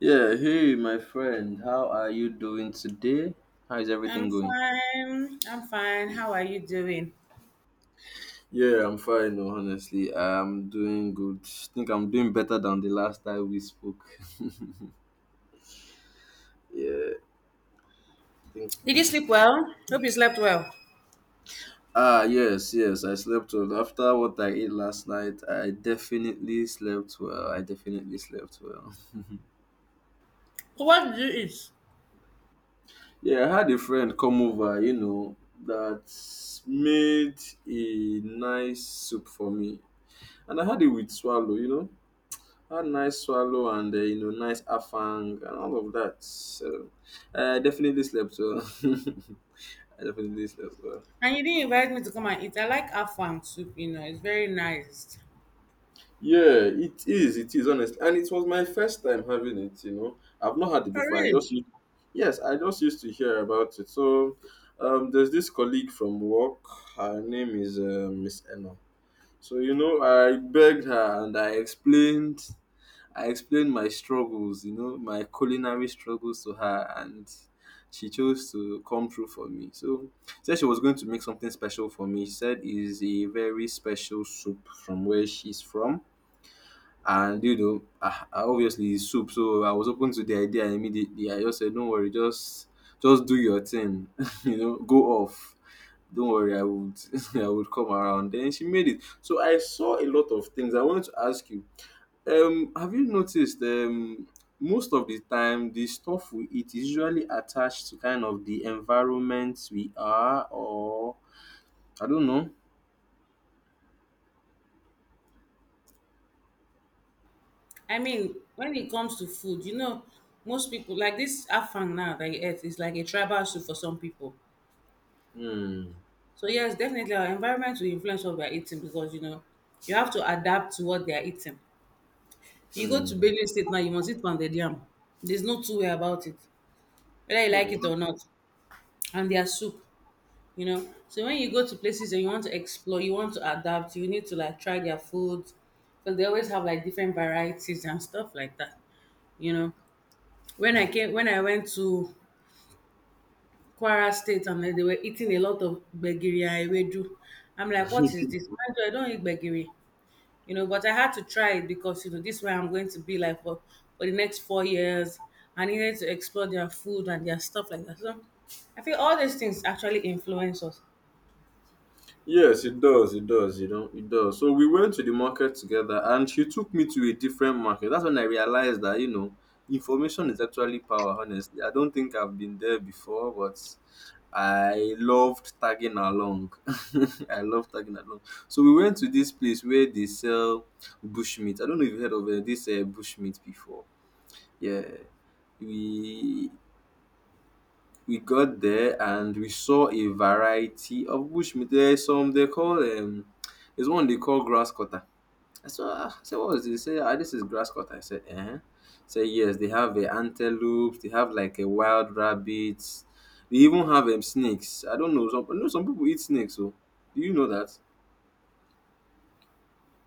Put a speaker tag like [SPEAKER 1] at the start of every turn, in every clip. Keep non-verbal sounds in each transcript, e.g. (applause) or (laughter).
[SPEAKER 1] Yeah, hey, my friend, how are you doing today? How is everything
[SPEAKER 2] I'm
[SPEAKER 1] going?
[SPEAKER 2] fine. How are you doing?
[SPEAKER 1] Yeah, I'm fine, no, honestly. I'm doing good. I think I'm doing better than the last time we spoke. (laughs) Yeah, I think.
[SPEAKER 2] Did you sleep well? Hope you slept well.
[SPEAKER 1] Ah, yes, yes, I slept well. After what I ate last night, I definitely slept well. I definitely slept well.
[SPEAKER 2] So what did you eat?
[SPEAKER 1] (laughs) Yeah, I had a friend come over, you know, that made a nice soup for me. And I had it with swallow, you know. That nice swallow and you know nice afang and all of that. So I definitely slept well. (laughs) I definitely slept well.
[SPEAKER 2] And you didn't invite me to come and eat. I like Afang soup, it's very nice.
[SPEAKER 1] Yeah, it is. It is honestly, and it was my first time having it. You know, I've not had it
[SPEAKER 2] For
[SPEAKER 1] before.
[SPEAKER 2] real.
[SPEAKER 1] Yes, I just used to hear about it. So there's this colleague from work. Her name is Miss Enna. So you know, I begged her and I explained my struggles, you know, my culinary struggles to her, and she chose to come through for me. So, she said she was going to make something special for me. She said is a very special soup from where she's from. And you know, obviously it's soup, so I was open to the idea immediately. I just said, "Don't worry, just do your thing, (laughs) you know, go off. Don't worry, I would (laughs) I would come around." Then she made it. So I saw a lot of things. I wanted to ask you, have you noticed most of the time the stuff we eat is usually attached to kind of the environment we are or I don't know.
[SPEAKER 2] I mean, when it comes to food, most people like this Afang now that you eat is like a tribal soup for some people.
[SPEAKER 1] Hmm,
[SPEAKER 2] So yes, definitely our environment will influence what we're eating because you have to adapt to what they're eating. You go to
[SPEAKER 1] hmm,
[SPEAKER 2] Benue State now, you must eat pounded yam. There's no two-way about it, whether you like it
[SPEAKER 1] hmm.
[SPEAKER 2] or not. And their soup, so when you go to places and you want to explore, you want to adapt, you need to like try their food because they always have like different varieties and stuff like that, you know when I went to Kwara State, and then they were eating a lot of begiri and ewedu. I'm like, what is this? Mind you, I don't eat begiri, but I had to try it because this way I'm going to be like for the next 4 years. I needed to explore their food and their stuff like that, so I feel all these things actually influence us.
[SPEAKER 1] Yes, it does. It does. You know, it does. So we went to the market together, and she took me to a different market. That's when I realized that you know, information is actually power. Honestly, I don't think I've been there before, but I loved tagging along. (laughs) I love tagging along. So we went to this place where they sell bushmeat. I don't know if you heard of this bushmeat before. Yeah, we we got there and we saw a variety of bushmeat. There's some they call there's one they call grass cutter. I saw, ah, I said, what is this? He said, ah, this is grass cutter. I said, eh? Say yes, they have a antelopes. They have like a wild rabbits. They even have snakes. I don't know. Some, I know some people eat snakes. So, do you know that?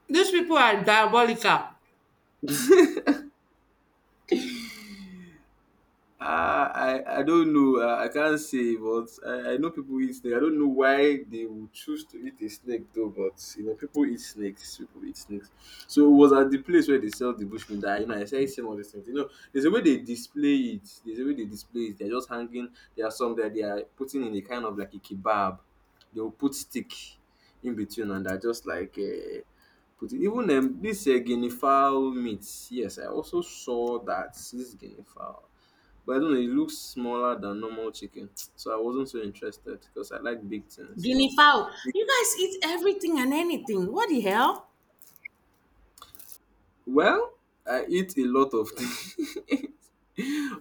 [SPEAKER 2] These people are diabolical.
[SPEAKER 1] Ah, I don't know. I can't say, but I know people eat snake. I don't know why they would choose to eat a snake though. But you know, people eat snakes. People eat snakes. So it was at the place where they sell the bushmeat. That you know, I started seeing all these things. You know, there's a way they display it. There's a way they display it. They're just hanging. There are some that they are putting in a kind of like a kebab. They will put stick in between, and they're just like. Put it. Even this guinea fowl meat. Yes, I also saw that this guinea fowl. But I don't know, it looks smaller than normal chicken. (tsk) So I wasn't so interested because I like big things, you know.
[SPEAKER 2] Guinea fowl.
[SPEAKER 1] Be-
[SPEAKER 2] You guys eat everything and anything. What the hell?
[SPEAKER 1] Well, I eat a lot of (laughs) things.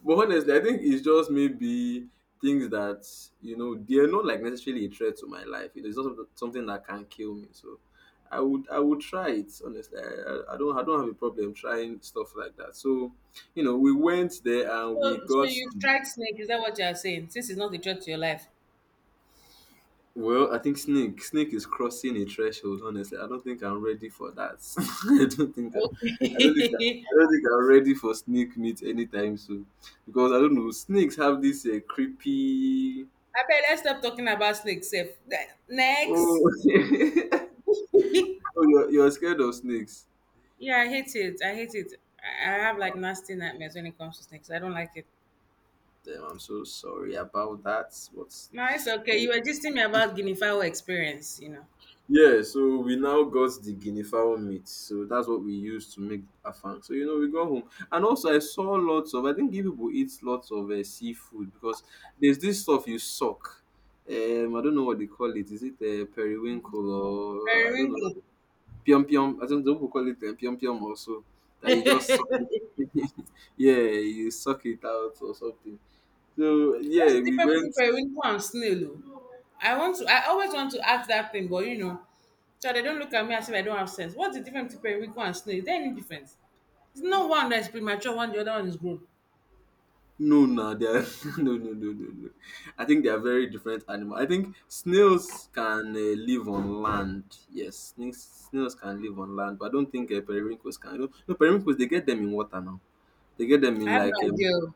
[SPEAKER 1] But honestly, I think it's just maybe things that, you know, they're not like necessarily a threat to my life. You know, it's not something that can kill me. So I would try it, honestly. I don't I don't have a problem trying stuff like that. So, you know, we went there and we
[SPEAKER 2] So,
[SPEAKER 1] got.
[SPEAKER 2] you've tried snake? Is that what you are saying? Since it's not a threat to your life.
[SPEAKER 1] Well, I think snake is crossing a threshold. Honestly, I don't think I'm ready for that. (laughs) I don't think I,
[SPEAKER 2] Okay.
[SPEAKER 1] I
[SPEAKER 2] (laughs)
[SPEAKER 1] don't think I'm ready for snake meat anytime soon because I don't know. Snakes have this creepy.
[SPEAKER 2] I bet let's stop talking about snakes. Safe. Next.
[SPEAKER 1] Oh, (laughs) oh
[SPEAKER 2] (laughs)
[SPEAKER 1] you're scared of snakes.
[SPEAKER 2] Yeah, I hate it. I have like nasty nightmares when it comes to snakes. I don't like it.
[SPEAKER 1] Damn, I'm so sorry about that.
[SPEAKER 2] No, it's okay.
[SPEAKER 1] But
[SPEAKER 2] You were just telling me about guinea fowl experience,
[SPEAKER 1] yeah, so we now got the guinea fowl meat. So that's what we used to make afang. So you know, we got home, and also I saw lots of. I think you people eat lots of seafood because there's this stuff you suck. I don't know what they call it. Is it periwinkle or I don't know
[SPEAKER 2] Periwinkle.
[SPEAKER 1] pium pium? I think not people call it pium pium also. That you just suck. (laughs) Yeah, you suck it out or something. So
[SPEAKER 2] What's
[SPEAKER 1] yeah,
[SPEAKER 2] the
[SPEAKER 1] we
[SPEAKER 2] difference between
[SPEAKER 1] went.
[SPEAKER 2] periwinkle and snail? Oh? I want to. I always want to ask that thing, but so they don't look at me as if I don't have sense. What's the difference between periwinkle and snail? Is there any difference? It's not one that is premature, one the other one is grown.
[SPEAKER 1] No, no, they are (laughs) no, no, no, no, no. I think they are very different animal. I think snails can live on land. Yes, snails can live on land, but I don't think periwinkles can. No, no, periwinkles they get them in water now. They get them
[SPEAKER 2] I
[SPEAKER 1] in
[SPEAKER 2] have
[SPEAKER 1] like
[SPEAKER 2] no idea. Oh.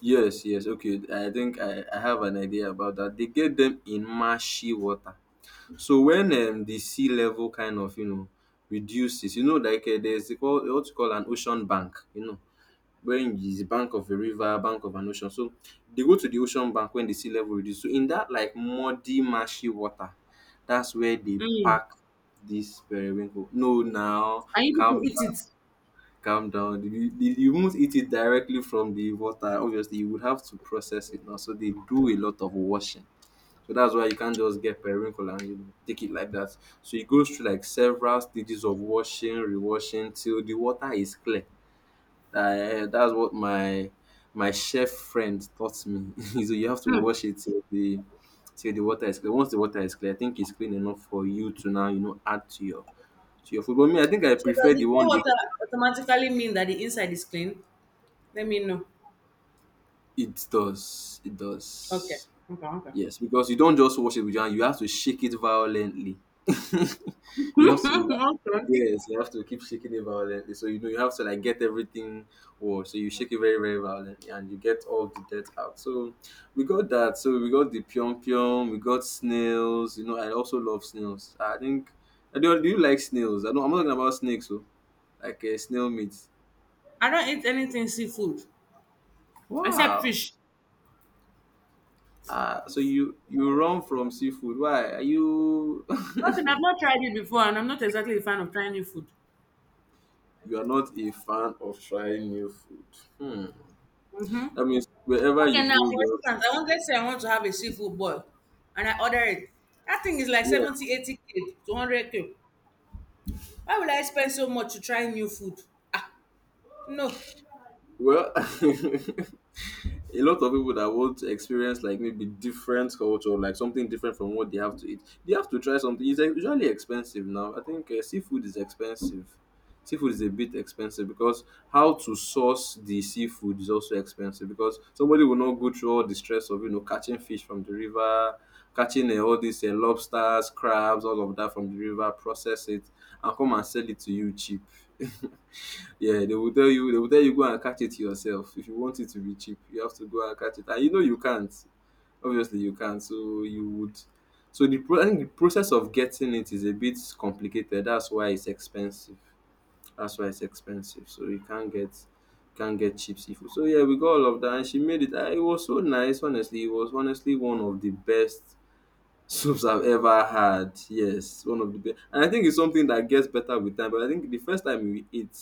[SPEAKER 1] yes, yes. Okay, I have an idea about that. They get them in marshy water. So when the sea level kind of you know reduces, you know, like there's what you call an ocean bank, you know wherein is the bank of a river, bank of an ocean. So they go to the ocean bank when the sea level reduce. So in that like muddy, marshy water, that's where they
[SPEAKER 2] Mm.
[SPEAKER 1] pack this periwinkle. No, now
[SPEAKER 2] And you
[SPEAKER 1] calm
[SPEAKER 2] people eat
[SPEAKER 1] down,
[SPEAKER 2] it.
[SPEAKER 1] calm down. You won't eat it directly from the water. Obviously, you would have to process it now. So they do a lot of washing. So that's why you can't just get periwinkle and you take it like that. So it goes through like several stages of washing, rewashing till the water is clear. That's what my chef friend taught me. (laughs) So you have to
[SPEAKER 2] Hmm.
[SPEAKER 1] wash it till the water is clear. Once the water is clear, I think it's clean enough for you to now you know add to your food. But me, I think I
[SPEAKER 2] So does
[SPEAKER 1] prefer
[SPEAKER 2] the
[SPEAKER 1] the
[SPEAKER 2] clear
[SPEAKER 1] one that
[SPEAKER 2] water automatically mean that the inside is clean? Let me know.
[SPEAKER 1] it
[SPEAKER 2] Okay.
[SPEAKER 1] does
[SPEAKER 2] Okay.
[SPEAKER 1] yes because you don't just wash it with your hand. You have to shake it violently. (laughs) You have to
[SPEAKER 2] (laughs) Okay.
[SPEAKER 1] yes, you have to keep shaking it violently. So you know you have to like get everything or so you shake it very, very violently and you get all the dirt out. So we got that. So we got the pyong pyong, we got snails, you know, I also love snails. I think I do, do you like snails? I know I'm not talking about snakes, so like snail meat.
[SPEAKER 2] I don't eat anything seafood except
[SPEAKER 1] Wow.
[SPEAKER 2] fish.
[SPEAKER 1] Ah, so you run from seafood. Why? Are you
[SPEAKER 2] Nothing. I've
[SPEAKER 1] (laughs)
[SPEAKER 2] not tried it before, and I'm not exactly a fan of trying new food.
[SPEAKER 1] you are not a fan of trying new food? Hmm.
[SPEAKER 2] Mm-hmm.
[SPEAKER 1] That means wherever you
[SPEAKER 2] Okay, now
[SPEAKER 1] go,
[SPEAKER 2] for instance, I want let's say I want to have a seafood boil and I order it. That thing is like
[SPEAKER 1] you're.
[SPEAKER 2] 70, 80 k, 200 k. Why would I spend so much to try new food? Ah, no.
[SPEAKER 1] Well, (laughs) a lot of people that want to experience like maybe different culture, like something different from what they have to eat, they have to try something. It's like usually expensive now. I think seafood is expensive. Seafood is a bit expensive because how to source the seafood is also expensive because somebody will not go through all the stress of you know catching fish from the river, catching all these lobsters, crabs, all of that from the river, process it, and come and sell it to you cheap. (laughs) Yeah, they will tell you go and catch it yourself. If you want it to be cheap, you have to go and catch it. And you know you can't. Obviously you can't. So you would I think the process of getting it is a bit complicated. That's why it's expensive. That's why it's expensive. So you can't get cheap seafood. So yeah, we got all of that and she made it. Ah, it was so nice, honestly. It was honestly one of the best soups I've ever had. Yes, one of the best. And I think it's something that gets better with time. But I think the first time we ate,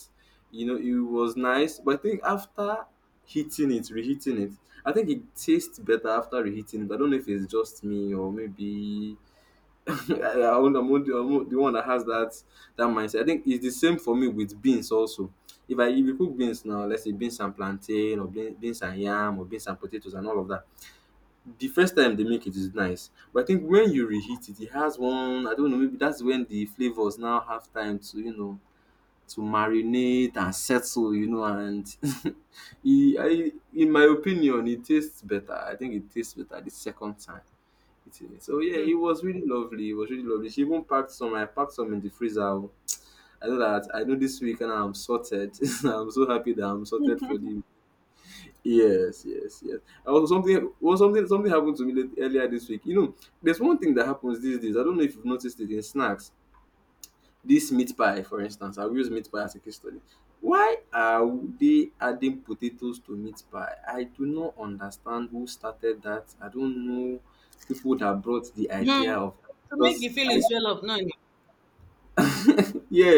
[SPEAKER 1] you know, it was nice. But I think after heating it, reheating it, I think it tastes better after reheating it. I don't know if it's just me or maybe (laughs) I'm not the one that has that mindset. I think it's the same for me with beans also. If you cook beans now, let's say beans and plantain or beans and yam or beans and potatoes and all of that, the first time they make it is nice, but I think when you reheat it, it has one, I don't know, maybe that's when the flavors now have time to to marinate and settle, and (laughs) it, I, in my opinion it tastes better. I think it tastes better the second time eating it. So yeah,
[SPEAKER 2] Hmm.
[SPEAKER 1] it was really lovely. It was really lovely. She even packed some. I packed some in the freezer. Oh, I know that, I know this week and I'm sorted. (laughs) I'm so happy that I'm sorted for the— Yes, yes, yes. Also, something, well, something happened to me late, earlier this week. You know, there's one thing that happens these days. I don't know if you've noticed it in snacks. This meat pie, for instance, I'll use meat pie as a case study. Why are they adding potatoes to meat pie? I do not understand who started that. I don't know people that brought the
[SPEAKER 2] Hmm.
[SPEAKER 1] idea of that,
[SPEAKER 2] To make
[SPEAKER 1] because
[SPEAKER 2] the
[SPEAKER 1] I—
[SPEAKER 2] feeling swell up, no, no.
[SPEAKER 1] Yeah,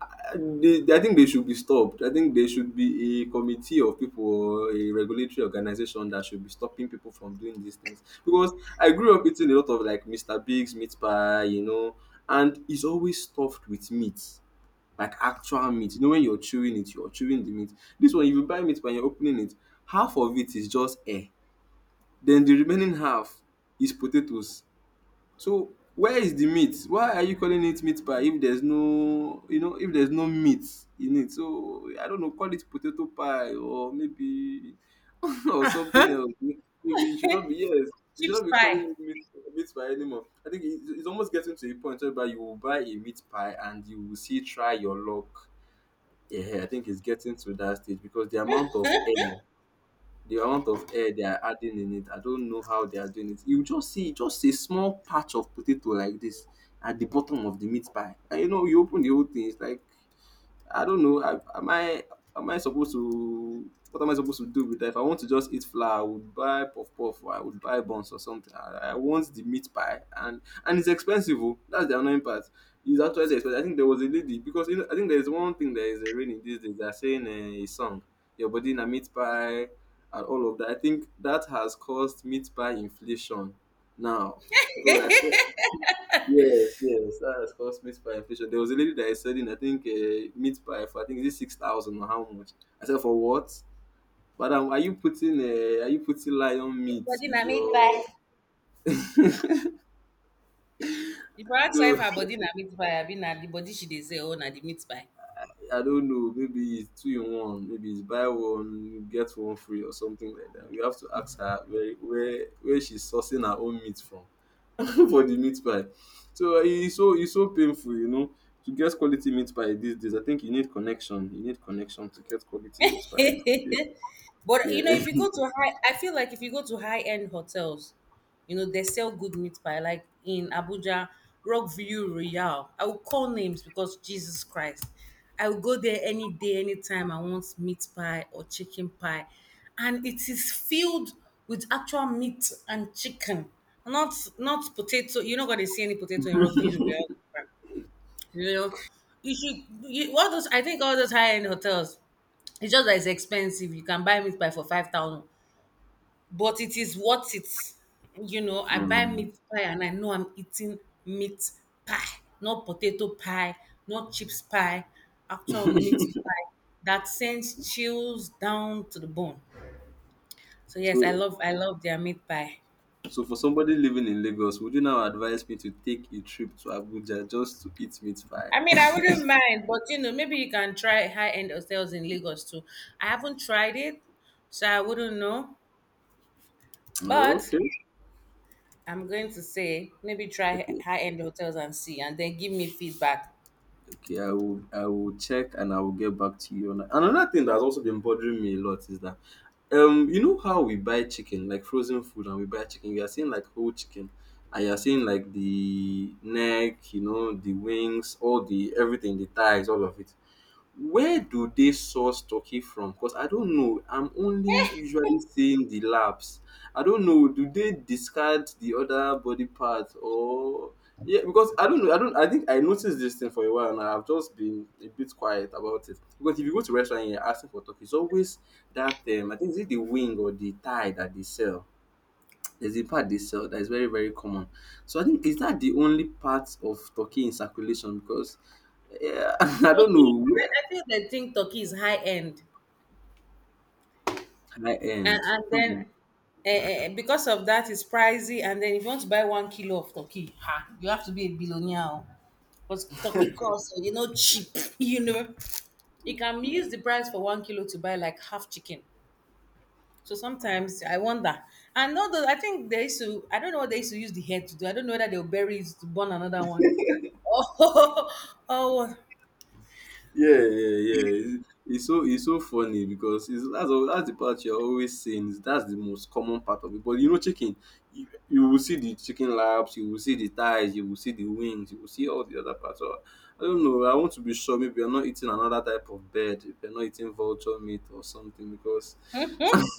[SPEAKER 1] I think they should be stopped. I think there should be a committee of people or a regulatory organization that should be stopping people from doing these things. Because I grew up eating a lot of like Mr. Bigs meat pie, you know, and it's always stuffed with meat, like actual meat. You know, when you're chewing it, you're chewing the meat. This one, if you buy meat pie and you're opening it, half of it is just air. Then the remaining half is potatoes. So where is the meat? Why are you calling it meat pie if there's no, if there's no meat in it? So I don't know, call it potato pie or maybe (laughs) or something else. Maybe it should not be— yes, you should
[SPEAKER 2] Chips
[SPEAKER 1] not be calling
[SPEAKER 2] pie.
[SPEAKER 1] it meat pie anymore. I think it's almost getting to a point whereby you will buy a meat pie and you will see "try your luck." Yeah, I think it's getting to that stage because the amount of air they are adding in it. I don't know how they are doing it. You just see just a small patch of potato like this at the bottom of the meat pie. And you know, you open the whole thing, it's like I don't know. Am I, am I supposed to? What am I supposed to do with that? If I want to just eat flour, I would buy puff puff, or I would buy buns or something. I want the meat pie, and it's expensive. Oh. That's the annoying part. It's actually expensive. I think there was a lady, because you know, I think there is one thing that is raining these days. They're saying a song, "your body in a meat pie," and all of that. I think that has caused meat pie inflation now because I saw— Yes, yes, that is was cost meat pie inflation. There was a lady that is selling, I think, meat pie for, I think, is it 6,000 or how much? I said, for what? Madam, are you putting lion
[SPEAKER 2] Your
[SPEAKER 1] meat
[SPEAKER 2] body
[SPEAKER 1] in
[SPEAKER 2] na meat pie.
[SPEAKER 1] your?
[SPEAKER 2] If I ask her
[SPEAKER 1] No,
[SPEAKER 2] if her body na meat pie, I mean na the body she dey say, oh, na the meat pie.
[SPEAKER 1] (laughs) I don't know. Maybe it's two in one. Maybe it's buy one get one free or something like that. We have to ask her where she's sourcing her own meat from (laughs) for the meat pie. So it's so painful, you know, to get quality meat pie these days. I think you need connection. You need connection to get quality meat
[SPEAKER 2] (laughs)
[SPEAKER 1] pie.
[SPEAKER 2] But
[SPEAKER 1] Yeah.
[SPEAKER 2] if you go to high, I feel like if you go to high end hotels, they sell good meat pie. Like in Abuja, Rockview Royal. I will call names because Jesus Christ. I will go there any day, anytime I want meat pie or chicken pie. And it is filled with actual meat and chicken, not potato. You're not gonna see any potato in Rockview Royal. You know, all those. I think all those high end hotels. It's just that it's expensive. You can buy meat pie for 5,000, but it is worth it.
[SPEAKER 1] (laughs)
[SPEAKER 2] I buy
[SPEAKER 1] um,
[SPEAKER 2] meat pie and I know I'm eating meat pie, not potato pie, not chips pie, actual meat
[SPEAKER 1] (laughs)
[SPEAKER 2] pie that sends chills down to the bone. So yes,
[SPEAKER 1] so,
[SPEAKER 2] I love their meat pie.
[SPEAKER 1] so for somebody living in Lagos, would you now advise me to take a trip to Abuja just to eat meat pie?
[SPEAKER 2] I mean, I wouldn't mind, but maybe you can try high end hotels in Lagos too. I haven't tried it, so I wouldn't know. But
[SPEAKER 1] Okay.
[SPEAKER 2] I'm going to say maybe try
[SPEAKER 1] Okay.
[SPEAKER 2] high end hotels and see, and then give me feedback.
[SPEAKER 1] Okay, I will, I will check and I will get back to you on that. Another thing that's also been bothering me a lot is that, you know how we buy chicken, like frozen food, and we buy chicken, you are seeing like whole chicken and you're seeing like the neck, you know, the wings, all the everything, the thighs, all of it. Where do they source turkey from? Because I don't know. I'm only usually seeing the labs. I don't know, do they discard the other body parts or yeah? Because I don't know. I don't— I think I noticed this thing for a while, and I've just been a bit quiet about it. Because if you go to restaurant and you're asking for turkey, it's always that. I think is it the wing or the thigh that they sell. There's a part they sell that is very very common. So I think is that the only part of turkey in circulation? Because yeah, (laughs) I don't
[SPEAKER 2] Turkey,
[SPEAKER 1] know.
[SPEAKER 2] I feel they think Turkey is high end,
[SPEAKER 1] High
[SPEAKER 2] and,
[SPEAKER 1] end.
[SPEAKER 2] then
[SPEAKER 1] Hmm.
[SPEAKER 2] because of that, it's pricey. And then if you want to buy 1 kilo of Turkey, ha, you have to be a billionaire. Oh. Because turkey costs, cheap, (laughs) you know. You can use the price for 1 kilo to buy like half chicken. So sometimes I wonder. And all those, I think they used to, I don't know what they used to use the head to do. I don't know whether they'll bury it to burn another one. (laughs) Oh, oh
[SPEAKER 1] Yeah, yeah, yeah. It's so, it's so funny because that's the part you're always saying. Is that's the most common part of it. But you know, chicken, you will see the chicken laps, you will see the thighs, you will see the wings, you will see all the other parts. So I don't know, I want to be sure. Maybe you're not eating another type of bird. If you're not eating vulture meat or something, because
[SPEAKER 2] mhm.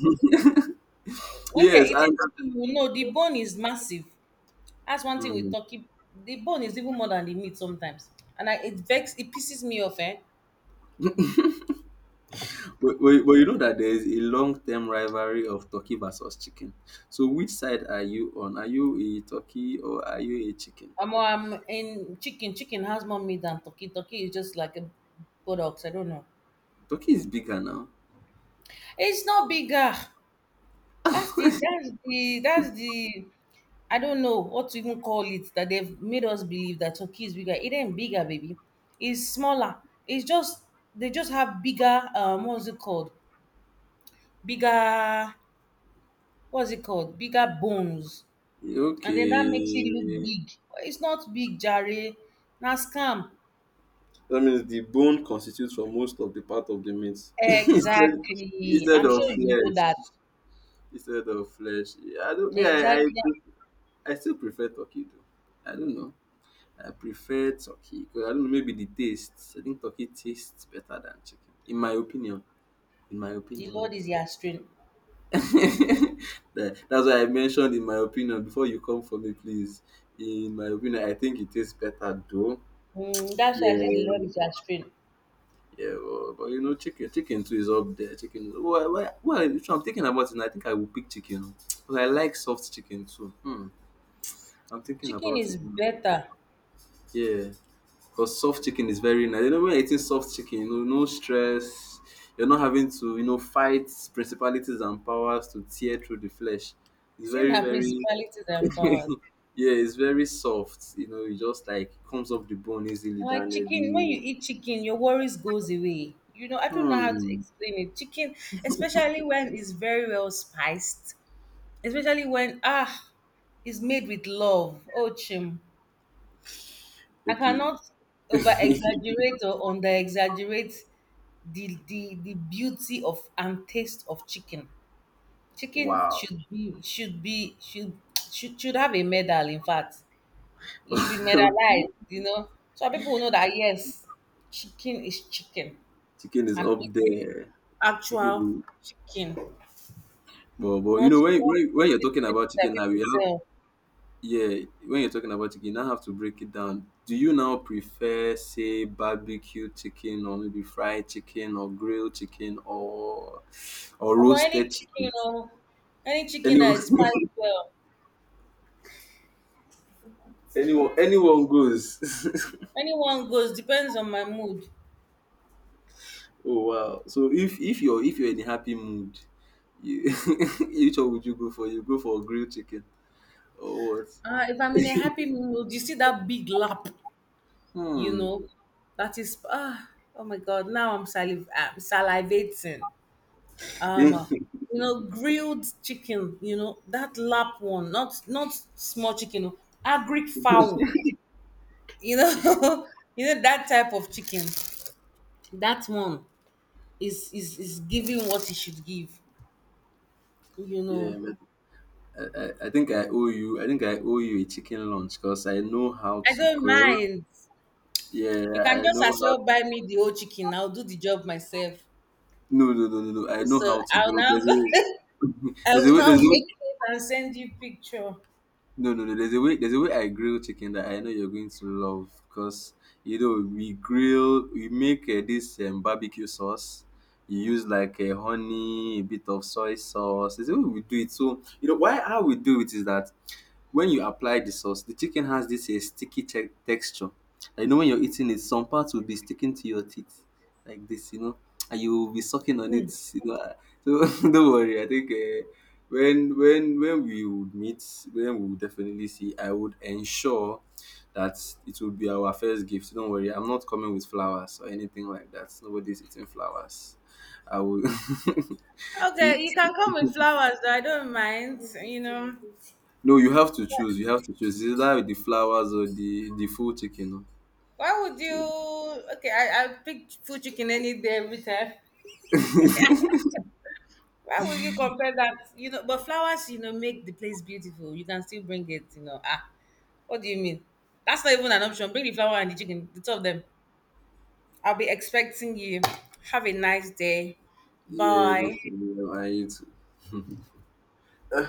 [SPEAKER 2] When you're
[SPEAKER 1] yes,
[SPEAKER 2] eating turkey, you know the bone is massive. That's one thing with
[SPEAKER 1] I.
[SPEAKER 2] turkey. The bone is even more than the meat sometimes. And I, it vex, it pisses me off, eh?
[SPEAKER 1] But you know that there is a long-term rivalry of turkey versus chicken. So which side are you on? Are you a turkey or are you a chicken?
[SPEAKER 2] I'm in chicken. Chicken has more meat than turkey. Turkey is just like a product. I don't know.
[SPEAKER 1] Turkey is bigger now.
[SPEAKER 2] It's not bigger. That's the I don't know what to even call it that they've made us believe that Turkey is bigger. It ain't bigger, baby. It's smaller. It's just they just have bigger what's it called? Bigger what's it called? Bigger bones. And then that makes it look
[SPEAKER 1] Okay.
[SPEAKER 2] big. It's not big, Jare. Na scam.
[SPEAKER 1] That means the bone constitutes for most of the part of the meat. (laughs) Instead,
[SPEAKER 2] Exactly.
[SPEAKER 1] instead
[SPEAKER 2] I'm sure
[SPEAKER 1] of
[SPEAKER 2] you know that.
[SPEAKER 1] flesh. Instead of flesh. I don't mean
[SPEAKER 2] Exactly.
[SPEAKER 1] I still prefer turkey though. I don't know. I prefer turkey because I don't know, maybe the taste. I think turkey tastes better than chicken. In my opinion. In my
[SPEAKER 2] The
[SPEAKER 1] opinion.
[SPEAKER 2] Lord
[SPEAKER 1] No.
[SPEAKER 2] is your strength.
[SPEAKER 1] (laughs) That's why I mentioned in my opinion before you come for me, please. In my opinion, I think it tastes better though.
[SPEAKER 2] Mm, that's why I
[SPEAKER 1] Yeah,
[SPEAKER 2] say the Lord is your strength.
[SPEAKER 1] yeah, but you know, chicken too is up there. Chicken, is— well. Why? If I'm thinking about it now, I think I will pick chicken. But I like soft chicken too. Hmm. I'm thinking
[SPEAKER 2] Chicken
[SPEAKER 1] about
[SPEAKER 2] is
[SPEAKER 1] it now.
[SPEAKER 2] better.
[SPEAKER 1] Yeah, because soft chicken is very nice. You know, when you're eating soft chicken, you know, no stress. You're not having to, you know, fight principalities and powers to tear through the flesh. It's
[SPEAKER 2] See now
[SPEAKER 1] very
[SPEAKER 2] principalities and powers.
[SPEAKER 1] (laughs) yeah, it's very soft. You know, it just like comes off the bone easily
[SPEAKER 2] Now,
[SPEAKER 1] than
[SPEAKER 2] like chicken, when
[SPEAKER 1] the—
[SPEAKER 2] you eat chicken, your worries goes away. I don't know how to
[SPEAKER 1] Hmm.
[SPEAKER 2] explain it. Chicken, especially when it's very well spiced, especially when ah, it's made with love. Oh, chim, I
[SPEAKER 1] Okay.
[SPEAKER 2] cannot over exaggerate or under exaggerate the beauty of and taste of chicken. Chicken
[SPEAKER 1] Wow.
[SPEAKER 2] should should have a medal. In fact, it should be
[SPEAKER 1] (laughs)
[SPEAKER 2] medalized,
[SPEAKER 1] Okay.
[SPEAKER 2] So that people will know that yes, chicken is chicken.
[SPEAKER 1] Chicken is
[SPEAKER 2] I'm
[SPEAKER 1] up
[SPEAKER 2] eating
[SPEAKER 1] there.
[SPEAKER 2] actual
[SPEAKER 1] Chicken.
[SPEAKER 2] chicken,
[SPEAKER 1] But you know when,
[SPEAKER 2] not
[SPEAKER 1] when you're
[SPEAKER 2] these
[SPEAKER 1] talking
[SPEAKER 2] things
[SPEAKER 1] about
[SPEAKER 2] that
[SPEAKER 1] chicken now, you
[SPEAKER 2] people
[SPEAKER 1] have—
[SPEAKER 2] sell.
[SPEAKER 1] yeah. When you're talking about chicken, you now have to break it down. Do you now prefer say barbecue chicken or maybe fried chicken or grilled chicken or
[SPEAKER 2] I'm any
[SPEAKER 1] roasted
[SPEAKER 2] chicken,
[SPEAKER 1] chicken?
[SPEAKER 2] any chicken that
[SPEAKER 1] Anyone,
[SPEAKER 2] is spiced well.
[SPEAKER 1] (laughs) anyone, anyone goes. (laughs)
[SPEAKER 2] Anyone goes depends on my mood.
[SPEAKER 1] Oh wow! So if you're, in a happy mood, you, (laughs) which one would you go for? You go for grilled chicken or what?
[SPEAKER 2] If I'm in a happy mood, you see that big lap, you
[SPEAKER 1] Hmm.
[SPEAKER 2] know, that is ah, oh my god. Now I'm salivating. Um,
[SPEAKER 1] (laughs)
[SPEAKER 2] grilled chicken, that lap one, not small chicken, oh, agric fowl, you know, (laughs) you know that type of chicken. That one is giving what it should give, you
[SPEAKER 1] Yeah,
[SPEAKER 2] know.
[SPEAKER 1] but I think I owe you. I think I owe you a chicken lunch because I know how
[SPEAKER 2] I
[SPEAKER 1] to
[SPEAKER 2] don't
[SPEAKER 1] grill.
[SPEAKER 2] mind.
[SPEAKER 1] Yeah,
[SPEAKER 2] You can
[SPEAKER 1] I
[SPEAKER 2] just
[SPEAKER 1] know
[SPEAKER 2] as
[SPEAKER 1] how.
[SPEAKER 2] well buy me the whole chicken. I'll do the job myself.
[SPEAKER 1] No, no, no, no, no. I know
[SPEAKER 2] So
[SPEAKER 1] how to
[SPEAKER 2] I'll
[SPEAKER 1] grill. There's
[SPEAKER 2] now (laughs)
[SPEAKER 1] a
[SPEAKER 2] go.
[SPEAKER 1] (laughs)
[SPEAKER 2] I
[SPEAKER 1] there's
[SPEAKER 2] will
[SPEAKER 1] a way.
[SPEAKER 2] now
[SPEAKER 1] There's a
[SPEAKER 2] make
[SPEAKER 1] way.
[SPEAKER 2] it and send you picture.
[SPEAKER 1] No, no, no. There's a way. There's a way I grill chicken that I know you're going to love because you know we grill. We make this barbecue sauce. You use like a honey, a bit of soy sauce. It's the way we do it. So you know why how we do it is that when you apply the sauce, the chicken has this a sticky texture. I know when you're eating it, some parts will be sticking to your teeth like this, you know, and you will be sucking on it. You know, ah. So (laughs) don't worry. I think when we would meet, when we would definitely see, I would ensure that it will be our first gift. Don't worry, I'm not coming with flowers or anything like that. Nobody's eating flowers. I will. (laughs) See,
[SPEAKER 2] Okay, you can come with flowers. Though. I don't mind. You know.
[SPEAKER 1] no, you have to choose. You have to choose. It's either the flowers or the full chicken.
[SPEAKER 2] Why would you? Okay, I pick food chicken any day, every time.
[SPEAKER 1] (laughs)
[SPEAKER 2] Why would you compare that? You know, but flowers, you know, make the place beautiful. You can still bring it, you know. Ah, what do you mean? That's not even an option. Bring the flower and the chicken, the two of them. I'll be expecting you. Have a nice day.
[SPEAKER 1] Yeah, those
[SPEAKER 2] Bye.
[SPEAKER 1] are the one I eat.